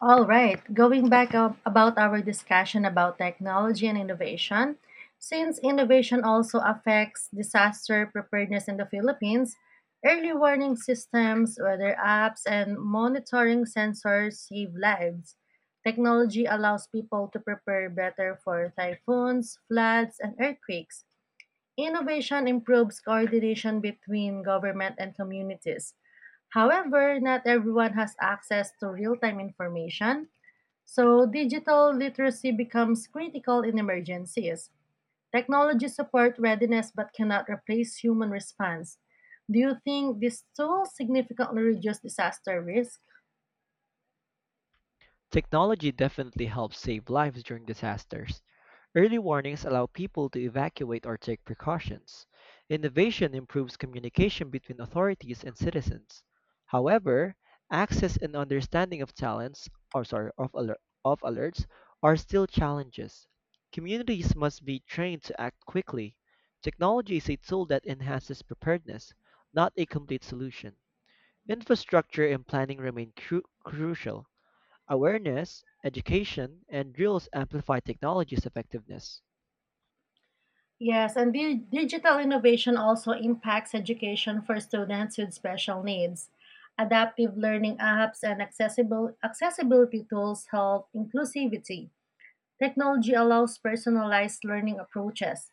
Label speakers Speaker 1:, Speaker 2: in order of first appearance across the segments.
Speaker 1: All right, going back up about our discussion about technology and innovation, since innovation also affects disaster preparedness in the Philippines, early warning systems, weather apps, and monitoring sensors save lives. Technology allows people to prepare better for typhoons, floods, and earthquakes. Innovation improves coordination between government and communities. However, not everyone has access to real time information so, digital literacy becomes critical in emergencies. Technology support readiness but cannot replace human response. Do you think this tool significantly reduce disaster risk?
Speaker 2: Technology definitely helps save lives during disasters. Early warnings allow people to evacuate or take precautions. Innovation improves communication between authorities and citizens. However, access and understanding of talents or sorry, of, alerts are still challenges. Communities must be trained to act quickly. Technology is a tool that enhances preparedness, not a complete solution. Infrastructure and planning remain crucial. Awareness, education, and drills amplify technology's effectiveness.
Speaker 1: Yes, and digital innovation also impacts education for students with special needs. Adaptive learning apps and accessible accessibility tools help inclusivity. Technology allows personalized learning approaches.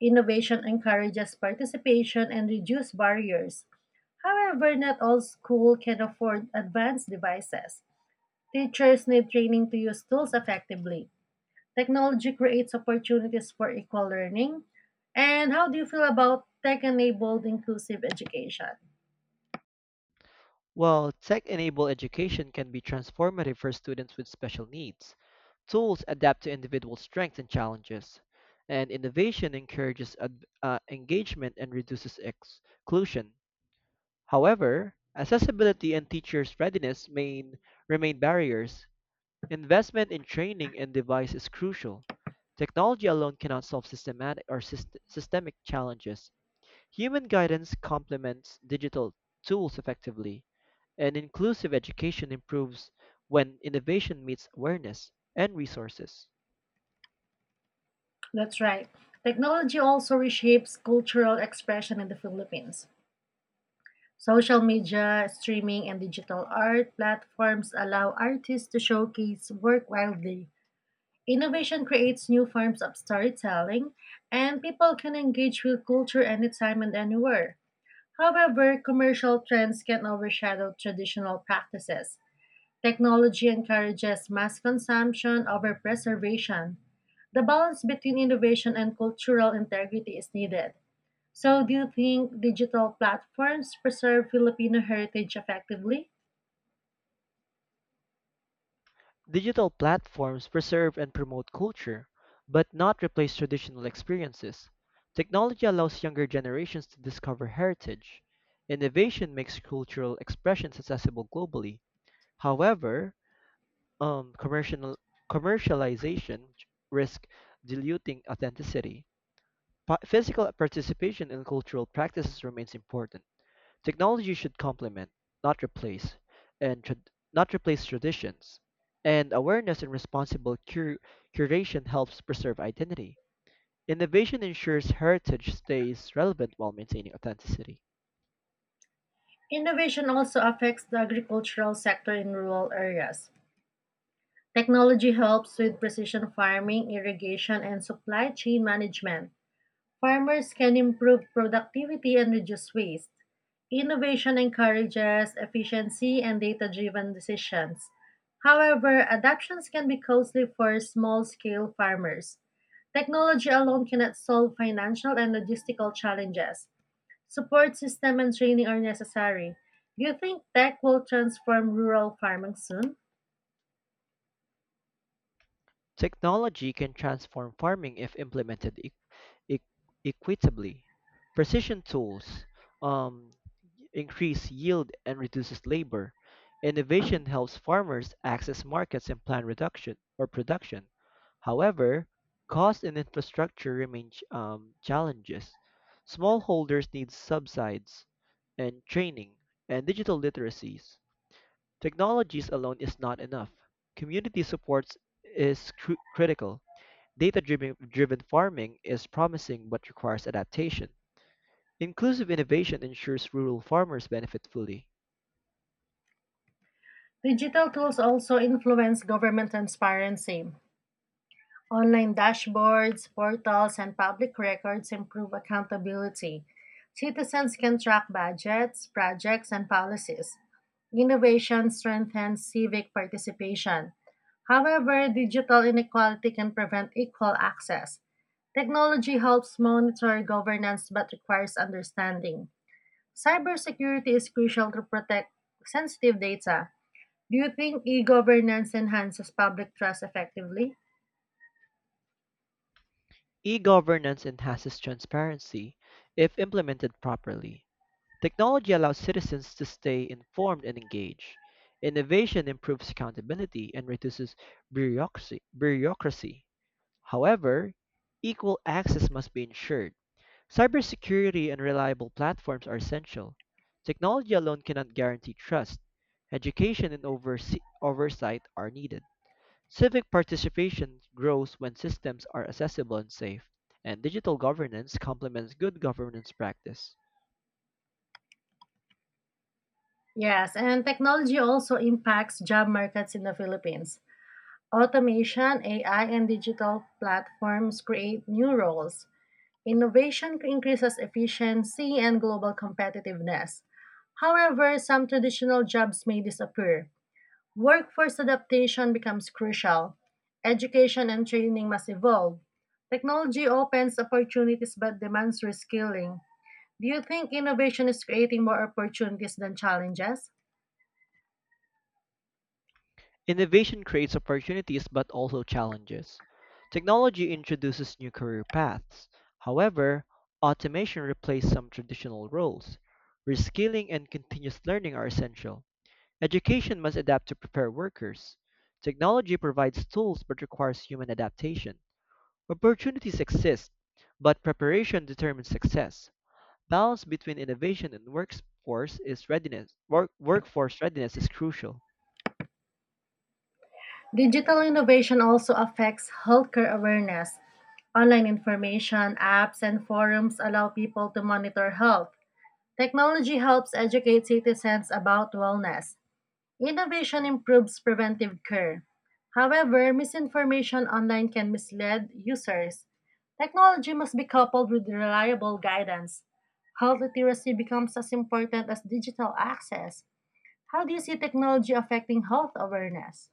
Speaker 1: Innovation encourages participation and reduces barriers. However, not all schools can afford advanced devices. Teachers need training to use tools effectively. Technology creates opportunities for equal learning. And how do you feel about tech enabled inclusive education?
Speaker 2: While tech-enabled education can be transformative for students with special needs, tools adapt to individual strengths and challenges, and innovation encourages engagement and reduces exclusion. However, accessibility and teachers' readiness may remain barriers. Investment in training and device is crucial. Technology alone cannot solve systematic or systemic challenges. Human guidance complements digital tools effectively, and inclusive education improves when innovation meets awareness and resources.
Speaker 1: That's right. Technology also reshapes cultural expression in the Philippines. Social media, streaming, and digital art platforms allow artists to showcase work widely. Innovation creates new forms of storytelling, and people can engage with culture anytime and anywhere. However, commercial trends can overshadow traditional practices. Technology encourages mass consumption over preservation. The balance between innovation and cultural integrity is needed. So, do you think digital platforms preserve Filipino heritage effectively?
Speaker 2: Digital platforms preserve and promote culture, but not replace traditional experiences. Technology allows younger generations to discover heritage. Innovation makes cultural expressions accessible globally. However, um, commercial, commercialization risks diluting authenticity. Physical participation in cultural practices remains important. Technology should complement, not replace, and trad- not replace traditions. And awareness and responsible curation helps preserve identity. Innovation ensures heritage stays relevant while maintaining authenticity.
Speaker 1: Innovation also affects the agricultural sector in rural areas. Technology helps with precision farming, irrigation, and supply chain management. Farmers can improve productivity and reduce waste. Innovation encourages efficiency and data driven decisions. However, adaptations can be costly for small scale farmers. Technology alone cannot solve financial and logistical challenges. Support system and training are necessary. Do you think tech will transform rural farming soon?
Speaker 2: Technology can transform farming if implemented e- equitably. Precision tools um, increase yield and reduces labor. Innovation helps farmers access markets and plan reduction or production. However, cost and infrastructure remain challenges. Smallholders need subsidies and training and digital literacies. Technologies alone is not enough. Community supports is critical. Data driven farming is promising but requires adaptation. Inclusive innovation ensures rural farmers benefit fully.
Speaker 1: Digital tools also influence government transparency. Online dashboards, portals, and public records improve accountability. Citizens can track budgets, projects, and policies. Innovation strengthens civic participation. However, digital inequality can prevent equal access. Technology helps monitor governance but requires understanding. Cybersecurity is crucial to protect sensitive data. Do you think e governance enhances public trust effectively?
Speaker 2: E governance enhances transparency if implemented properly. Technology allows citizens to stay informed and engaged. Innovation improves accountability and reduces bureaucracy. However, equal access must be ensured. Cybersecurity and reliable platforms are essential. Technology alone cannot guarantee trust. Education and oversight are needed. Civic participation grows when systems are accessible and safe, and digital governance complements good governance practice.
Speaker 1: Yes, and technology also impacts job markets in the Philippines. Automation, AI, and digital platforms create new roles. Innovation increases efficiency and global competitiveness. However, some traditional jobs may disappear. Workforce adaptation becomes crucial. Education and training must evolve. Technology opens opportunities but demands reskilling. Do you think innovation is creating more opportunities than challenges?
Speaker 2: Innovation creates opportunities but also challenges. Technology introduces new career paths. However, automation replaces some traditional roles. Reskilling and continuous learning are essential. Education must adapt to prepare workers. Technology provides tools but requires human adaptation. Opportunities exist, but preparation determines success. Balance between innovation and workforce is readiness. Workforce readiness is crucial.
Speaker 1: Digital innovation also affects healthcare awareness. Online information, apps, and forums allow people to monitor health. Technology helps educate citizens about wellness. Innovation improves preventive care. However, misinformation online can mislead users. Technology must be coupled with reliable guidance. Health literacy becomes as important as digital access. How do you see technology affecting health awareness?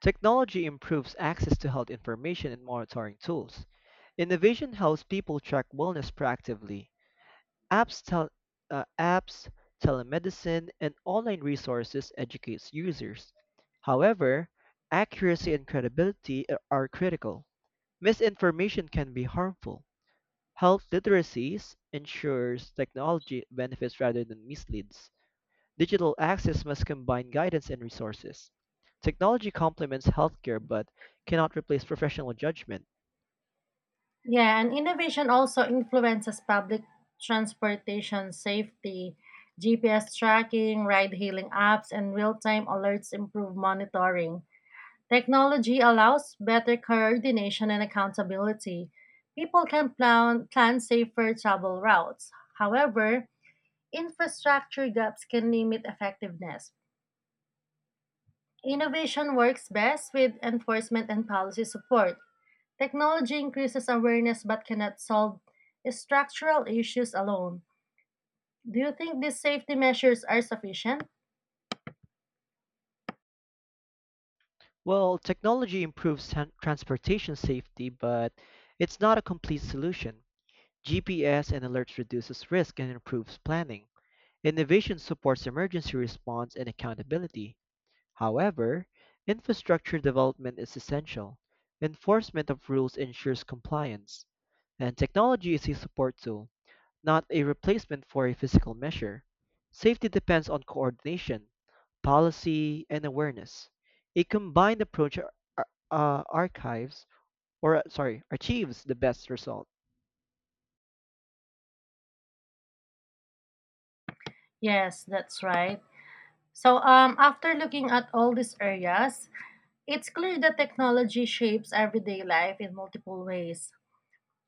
Speaker 2: Technology improves access to health information and monitoring tools. Innovation helps people track wellness proactively. Apps, tel- Apps, telemedicine, and online resources educate users. However, accuracy and credibility are critical. Misinformation can be harmful. Health literacies ensures technology benefits rather than misleads. Digital access must combine guidance and resources. Technology complements healthcare but cannot replace professional judgment.
Speaker 1: Yeah, and innovation also influences public transportation safety. GPS tracking, ride hailing apps, and real time alerts improve monitoring. Technology allows better coordination and accountability. People can plan safer travel routes. However, infrastructure gaps can limit effectiveness. Innovation works best with enforcement and policy support. Technology increases awareness but cannot solve structural issues alone. Do you think these safety measures are sufficient?
Speaker 2: Well, technology improves transportation safety, but it's not a complete solution. GPS and alerts reduces risk and improves planning. Innovation supports emergency response and accountability. However, infrastructure development is essential. Enforcement of rules ensures compliance, and technology is a support tool, not a replacement for a physical measure. Safety depends on coordination, policy, and awareness. A combined approach uh, archives, achieves the best result.
Speaker 1: Yes, that's right. After looking at all these areas, it's clear that technology shapes everyday life in multiple ways.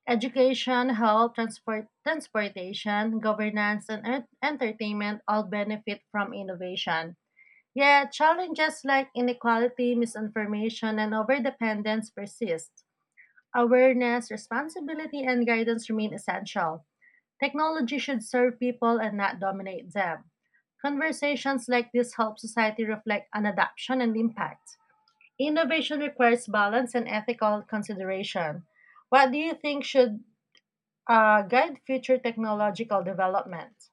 Speaker 1: Education, health, transportation, governance, and entertainment all benefit from innovation. Yet, challenges like inequality, misinformation, and overdependence persist. Awareness, responsibility, and guidance remain essential. Technology should serve people and not dominate them. Conversations like this help society reflect on adoption and impact. Innovation requires balance and ethical consideration. What do you think should guide future technological development?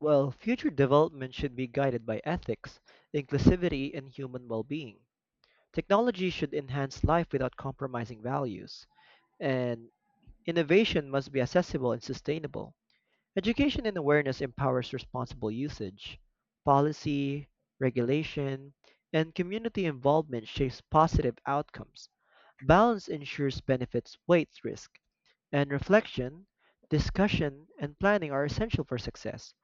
Speaker 2: Well, future development should be guided by ethics, inclusivity, and human well being. Technology should enhance life without compromising values, and innovation must be accessible and sustainable. Education and awareness empowers responsible usage. Policy, regulation, and community involvement shapes positive outcomes. Balance ensures benefits weight risk, and reflection, discussion, and planning are essential for success.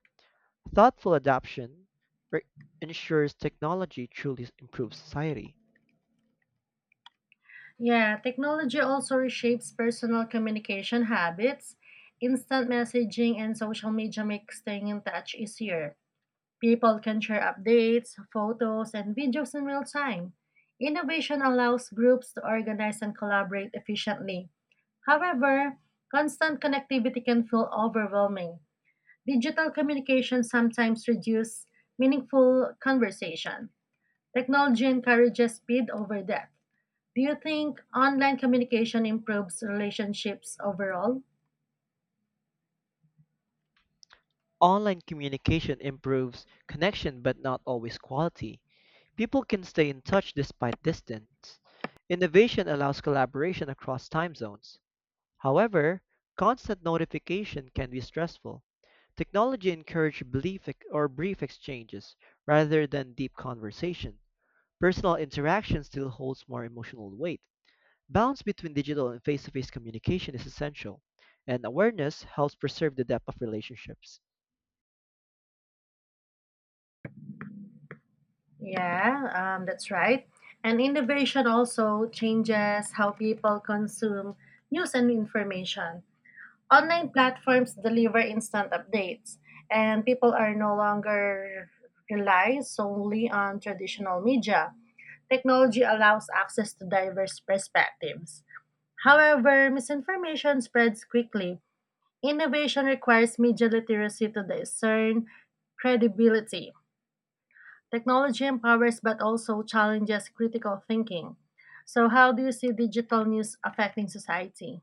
Speaker 2: Thoughtful adoption re- ensures technology truly improves society.
Speaker 1: Yeah, technology also reshapes personal communication habits. Instant messaging and social media make staying in touch easier. People can share updates, photos, and videos in real time. Innovation allows groups to organize and collaborate efficiently. However, constant connectivity can feel overwhelming. Digital communication sometimes reduces meaningful conversation. Technology encourages speed over depth. Do you think online communication improves relationships overall?
Speaker 2: Online communication improves connection but not always quality. People can stay in touch despite distance. Innovation allows collaboration across time zones. However, constant notification can be stressful. Technology encourages belief ex- or brief exchanges rather than deep conversation. Personal interaction still holds more emotional weight. Balance between digital and face-to-face communication is essential, and awareness helps preserve the depth of relationships.
Speaker 1: Yeah, that's right. And innovation also changes how people consume news and information. Online platforms deliver instant updates, and people are no longer rely solely on traditional media. Technology allows access to diverse perspectives. However, misinformation spreads quickly. Innovation requires media literacy to discern credibility. Technology empowers but also challenges critical thinking. So, how do you see digital news affecting society?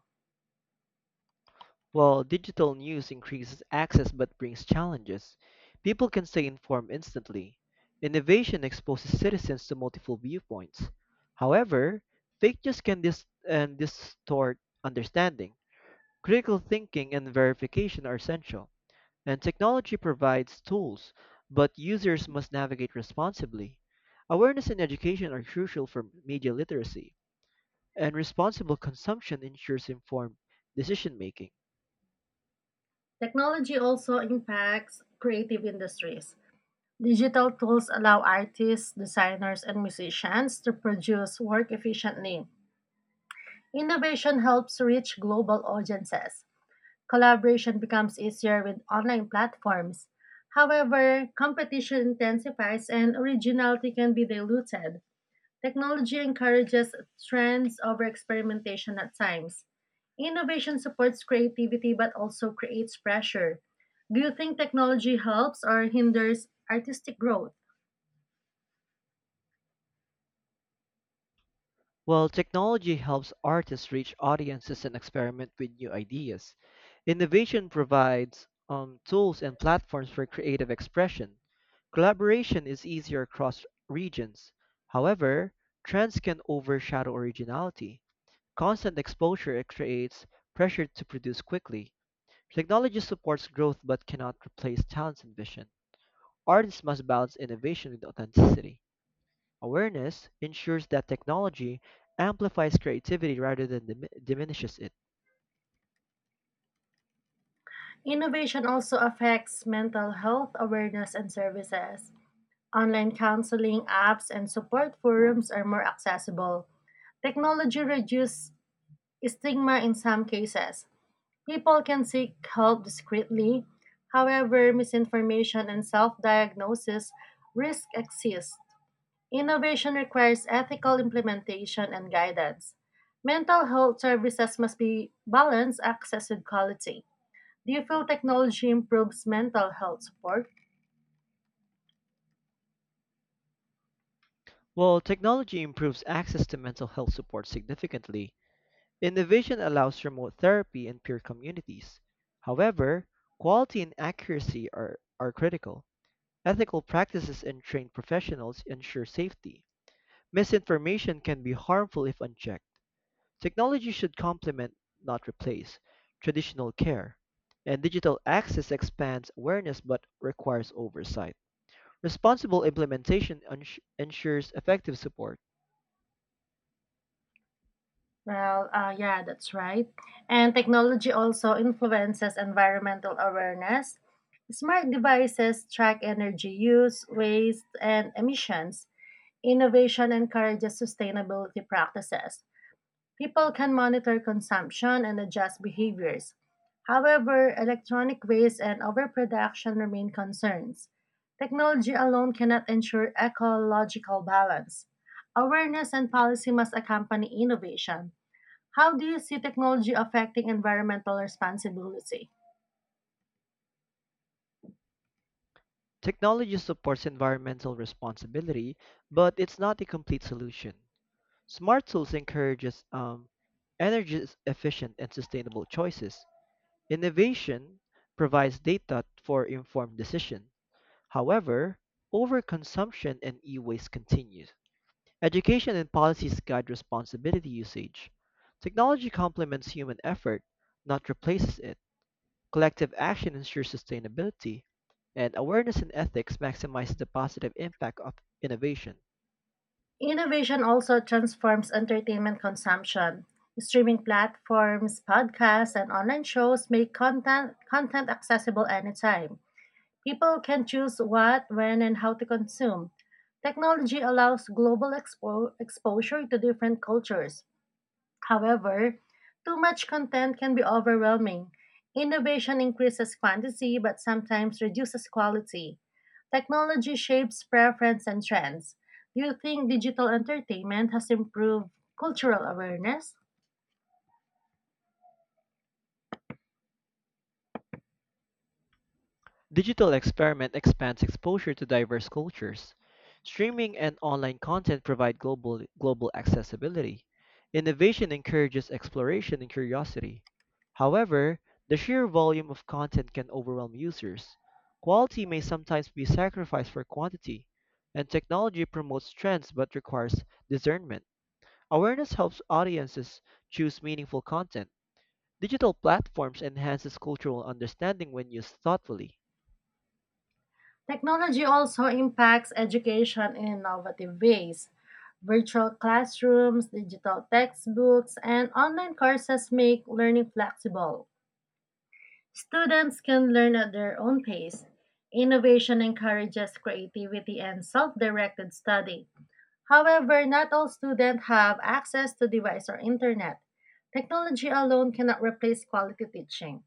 Speaker 2: While digital news increases access but brings challenges, people can stay informed instantly. Innovation exposes citizens to multiple viewpoints. However, fake news can dis- and distort understanding. Critical thinking and verification are essential, and technology provides tools, but users must navigate responsibly. Awareness and education are crucial for media literacy, and responsible consumption ensures informed decision making.
Speaker 1: Technology also impacts creative industries. Digital tools allow artists, designers, and musicians to produce work efficiently. Innovation helps reach global audiences. Collaboration becomes easier with online platforms. However, competition intensifies and originality can be diluted. Technology encourages trends over experimentation at times. Innovation supports creativity but also creates pressure. Do you think technology helps or hinders artistic growth?
Speaker 2: Well, technology helps artists reach audiences and experiment with new ideas. Innovation provides tools and platforms for creative expression. Collaboration is easier across regions. However, trends can overshadow originality. Constant exposure creates pressure to produce quickly. Technology supports growth but cannot replace talent and vision. Artists must balance innovation with authenticity. Awareness ensures that technology amplifies creativity rather than diminishes it.
Speaker 1: Innovation also affects mental health awareness and services. Online counseling apps and support forums are more accessible. Technology reduces stigma in some cases. People can seek help discreetly. However, misinformation and self diagnosis risk exist. Innovation requires ethical implementation and guidance. Mental health services must be balanced access with quality. Do you feel technology improves mental health support?
Speaker 2: While technology improves access to mental health support significantly, innovation allows remote therapy in peer communities. However, quality and accuracy are critical. Ethical practices and trained professionals ensure safety. Misinformation can be harmful if unchecked. Technology should complement, not replace, traditional care, and digital access expands awareness but requires oversight. Responsible implementation ensures effective support.
Speaker 1: That's right. And technology also influences environmental awareness. Smart devices track energy use, waste, and emissions. Innovation encourages sustainability practices. People can monitor consumption and adjust behaviors. However, electronic waste and overproduction remain concerns. Technology alone cannot ensure ecological balance. Awareness and policy must accompany innovation. How do you see technology affecting environmental responsibility?
Speaker 2: Technology supports environmental responsibility, but it's not a complete solution. Smart tools encourages energy efficient and sustainable choices. Innovation provides data for informed decision. However, overconsumption and e-waste continues. Education and policies guide responsibility usage. Technology complements human effort, not replaces it. Collective action ensures sustainability, and awareness and ethics maximize the positive impact of innovation.
Speaker 1: Innovation also transforms entertainment consumption. Streaming platforms, podcasts, and online shows make content accessible anytime. People can choose what, when, and how to consume. Technology allows global exposure to different cultures. However, too much content can be overwhelming. Innovation increases quantity but sometimes reduces quality. Technology shapes preference and trends. Do you think digital entertainment has improved cultural awareness?
Speaker 2: Digital experiment expands exposure to diverse cultures. Streaming and online content provide global accessibility. Innovation encourages exploration and curiosity. However, the sheer volume of content can overwhelm users. Quality may sometimes be sacrificed for quantity, and technology promotes trends but requires discernment. Awareness helps audiences choose meaningful content. Digital platforms enhances cultural understanding when used thoughtfully.
Speaker 1: Technology also impacts education in innovative ways. Virtual classrooms, digital textbooks, and online courses make learning flexible. Students can learn at their own pace. Innovation encourages creativity and self directed study. However, not all students have access to device or internet. Technology alone cannot replace quality teaching.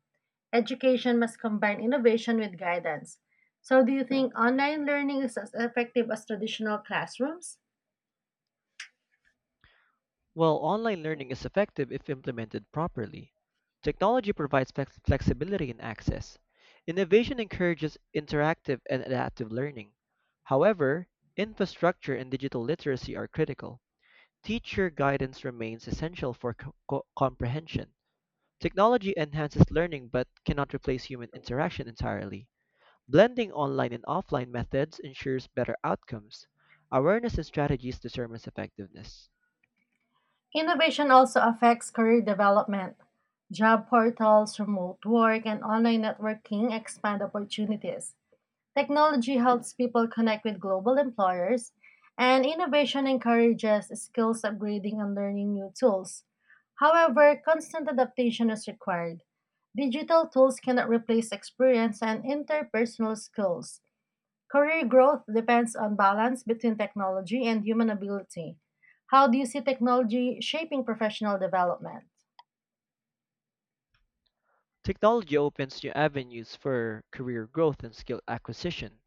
Speaker 1: Education must combine innovation with guidance. So, do you think online learning is as effective as traditional classrooms?
Speaker 2: Well, online learning is effective if implemented properly. Technology provides flexibility and access. Innovation encourages interactive and adaptive learning. However, infrastructure and digital literacy are critical. Teacher guidance remains essential for comprehension. Technology enhances learning but cannot replace human interaction entirely. Blending online and offline methods ensures better outcomes. Awareness and strategies determines effectiveness.
Speaker 1: Innovation also affects career development. Job portals, remote work, and online networking expand opportunities. Technology helps people connect with global employers, and innovation encourages skills upgrading and learning new tools. However, constant adaptation is required. Digital tools cannot replace experience and interpersonal skills. Career growth depends on balance between technology and human ability. How do you see technology shaping professional development?
Speaker 2: Technology opens new avenues for career growth and skill acquisition.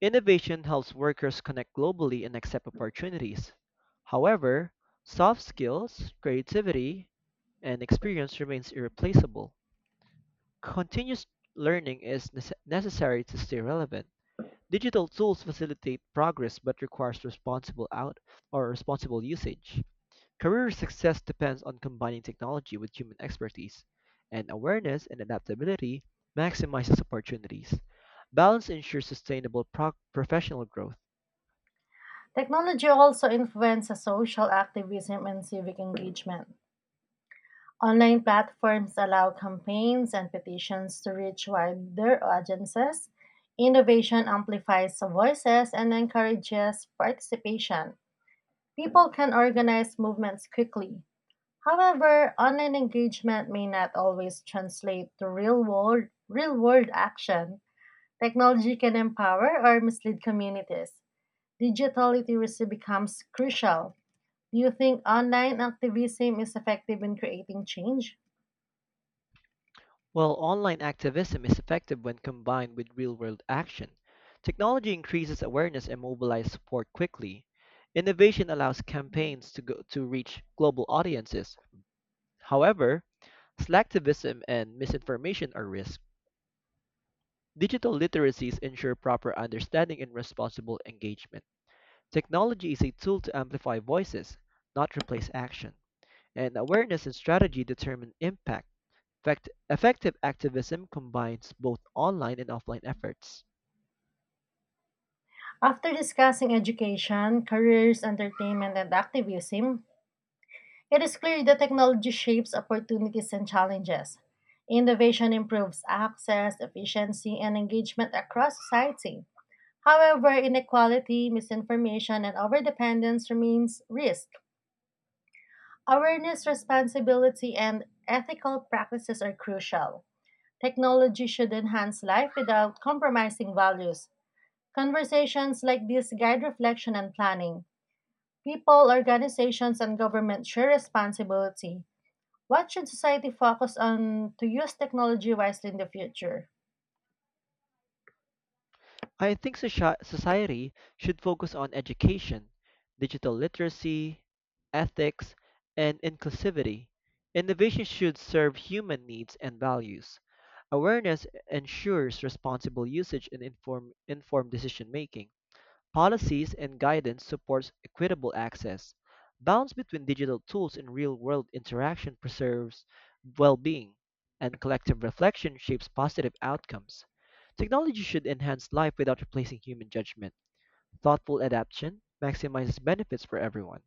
Speaker 2: Innovation helps workers connect globally and accept opportunities. However, soft skills, creativity, and experience remains irreplaceable. Continuous learning is necessary to stay relevant. Digital tools facilitate progress but requires responsible out or responsible usage. Career success depends on combining technology with human expertise, and awareness and adaptability maximizes opportunities. Balance ensures sustainable professional growth,
Speaker 1: Technology also influences social activism and civic engagement. Online platforms allow campaigns and petitions to reach wider audiences. Innovation amplifies voices and encourages participation. People can organize movements quickly. However, online engagement may not always translate to real world action. Technology can empower or mislead communities. Digital literacy becomes crucial. Do you think online activism is effective in creating change?
Speaker 2: while online activism is effective when combined with real-world action. Technology increases awareness and mobilizes support quickly. Innovation allows campaigns to reach global audiences. However, selectivism and misinformation are risks. Digital literacies ensure proper understanding and responsible engagement. Technology is a tool to amplify voices, not replace action. And awareness and strategy determine impact. Effective activism combines both online and offline efforts.
Speaker 1: After discussing education, careers, entertainment, and activism, it is clear that technology shapes opportunities and challenges. Innovation improves access, efficiency, and engagement across society. However, inequality, misinformation, and overdependence remains risk. Awareness, responsibility, and ethical practices are crucial. Technology should enhance life without compromising values. Conversations like this guide reflection and planning. People, organizations, and government share responsibility. What should society focus on to use technology wisely in the future?
Speaker 2: I think society should focus on education, digital literacy, ethics, and inclusivity. Innovation should serve human needs and values. Awareness ensures responsible usage and informed decision making. Policies and guidance supports equitable access. Balance between digital tools and real-world interaction preserves well-being, and collective reflection shapes positive outcomes. Technology should enhance life without replacing human judgment. Thoughtful adaptation maximizes benefits for everyone.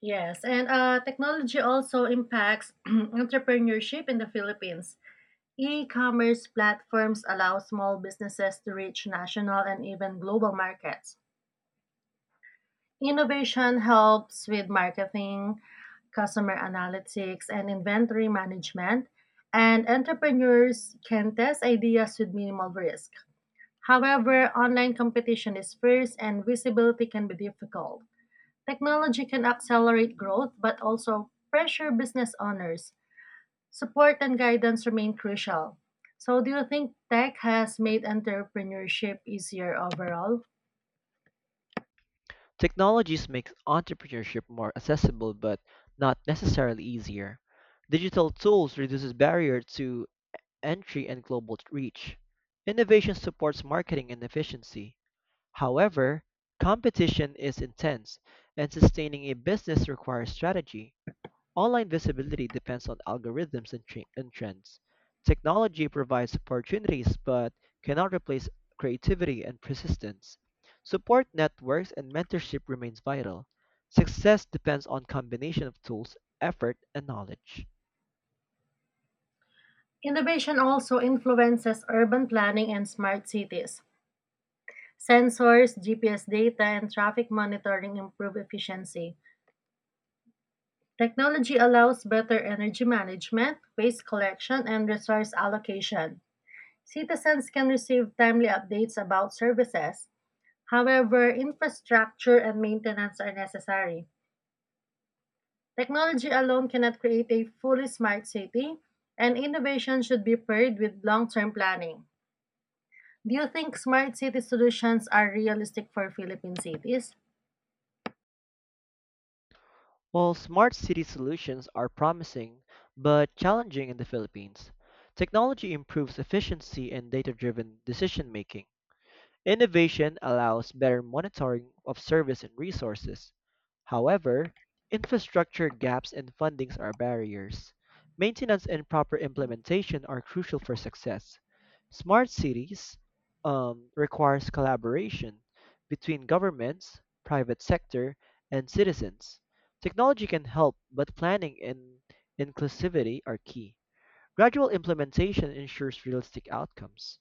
Speaker 1: Yes, and technology also impacts entrepreneurship in the Philippines. E-commerce platforms allow small businesses to reach national and even global markets. Innovation helps with marketing, customer analytics, and inventory management, and entrepreneurs can test ideas with minimal risk. However, online competition is fierce and visibility can be difficult. Technology can accelerate growth but also pressure business owners. Support and guidance remain crucial. So, do you think tech has made entrepreneurship easier overall?
Speaker 2: Technologies make entrepreneurship more accessible but not necessarily easier. Digital tools reduces barrier to entry and global reach. Innovation supports marketing and efficiency. However, competition is intense, and sustaining a business requires strategy. Online visibility depends on algorithms and trends. Technology provides opportunities but cannot replace creativity and persistence. Support networks and mentorship remains vital. Success depends on combination of tools, effort, and knowledge.
Speaker 1: Innovation also influences urban planning and smart cities. Sensors, GPS data, and traffic monitoring improve efficiency. Technology allows better energy management, waste collection, and resource allocation. Citizens can receive timely updates about services. However, infrastructure and maintenance are necessary. Technology alone cannot create a fully smart city, and innovation should be paired with long term planning. Do you think smart city solutions are realistic for Philippine cities?
Speaker 2: While smart city solutions are promising but challenging in the Philippines, technology improves efficiency and data driven decision making. Innovation allows better monitoring of service and resources. However, infrastructure gaps and fundings are barriers. Maintenance and proper implementation are crucial for success. Smart cities requires collaboration between governments, private sector, and citizens. Technology can help, but planning and inclusivity are key. Gradual implementation ensures realistic outcomes.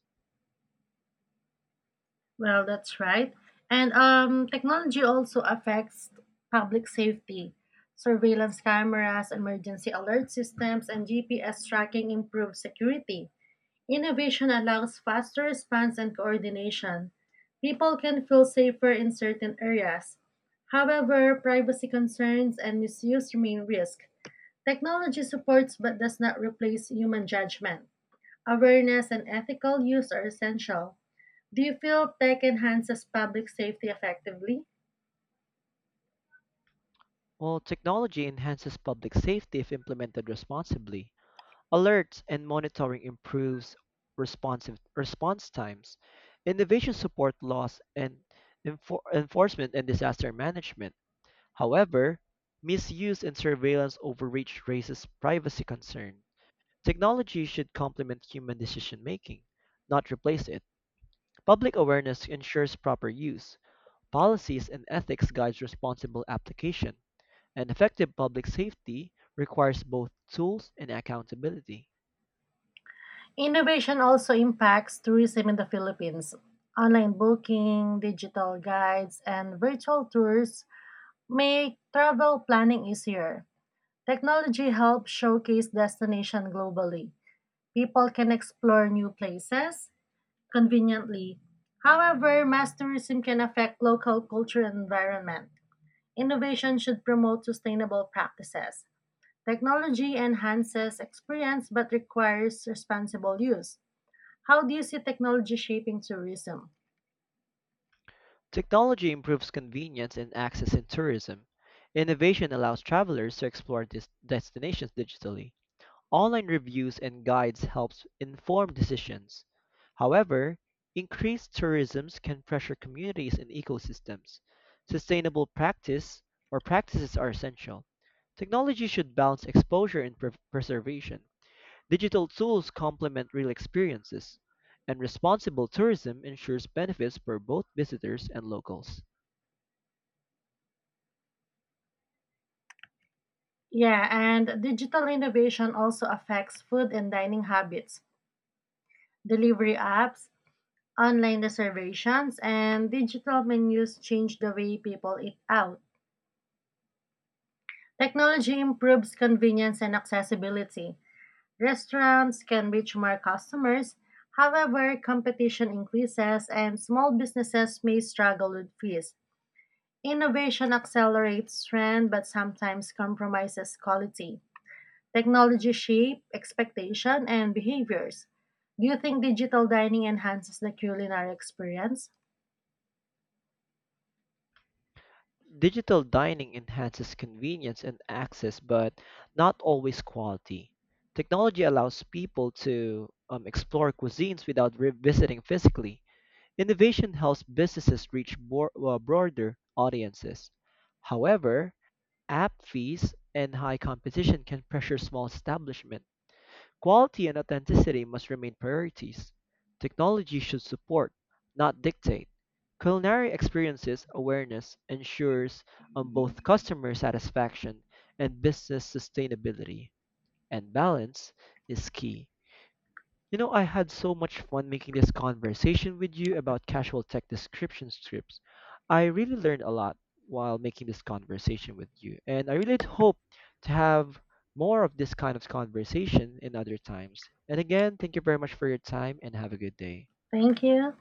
Speaker 1: Well, that's right. And technology also affects public safety. Surveillance cameras, emergency alert systems, and GPS tracking improve security. Innovation allows faster response and coordination. People can feel safer in certain areas. However, privacy concerns and misuse remain risks. Technology supports but does not replace human judgment. Awareness and ethical use are essential. Do you feel tech enhances public safety effectively?
Speaker 2: While technology enhances public safety if implemented responsibly, alerts and monitoring improves responsive response times. Innovation support laws and enforcement and disaster management. However, misuse and surveillance overreach raises privacy concern. Technology should complement human decision making, not replace it. Public awareness ensures proper use, policies and ethics guides responsible application, and effective public safety requires both tools and accountability.
Speaker 1: Innovation also impacts tourism in the Philippines. Online booking, digital guides, and virtual tours make travel planning easier. Technology helps showcase destination globally. People can explore new places conveniently. However, mass tourism can affect local culture and environment. Innovation should promote sustainable practices. Technology enhances experience but requires responsible use. How do you see technology shaping tourism?
Speaker 2: Technology improves convenience and access in tourism. Innovation allows travelers to explore destinations digitally. Online reviews and guides helps inform decisions. However, increased tourism can pressure communities and ecosystems. Sustainable practice or practices are essential. Technology should balance exposure and preservation. Digital tools complement real experiences, and responsible tourism ensures benefits for both visitors and locals.
Speaker 1: Yeah, and digital innovation also affects food and dining habits. Delivery apps, online reservations, and digital menus change the way people eat out. Technology improves convenience and accessibility. Restaurants can reach more customers. However, competition increases and small businesses may struggle with fees. Innovation accelerates trend but sometimes compromises quality. Technology shape expectation and behaviors. Do you think digital dining enhances the culinary experience?
Speaker 2: Digital dining enhances convenience and access, but not always quality. Technology allows people to explore cuisines without revisiting physically. Innovation helps businesses reach broader audiences. However, app fees and high competition can pressure small establishments. Quality and authenticity must remain priorities. Technology should support, not dictate. Culinary experiences awareness ensures on both customer satisfaction and business sustainability, and balance is key. You know, I had so much fun making this conversation with you about casual tech description scripts. I really learned a lot while making this conversation with you, and I really hope to have more of this kind of conversation in other times. And again, thank you very much for your time and have a good day.
Speaker 1: Thank you.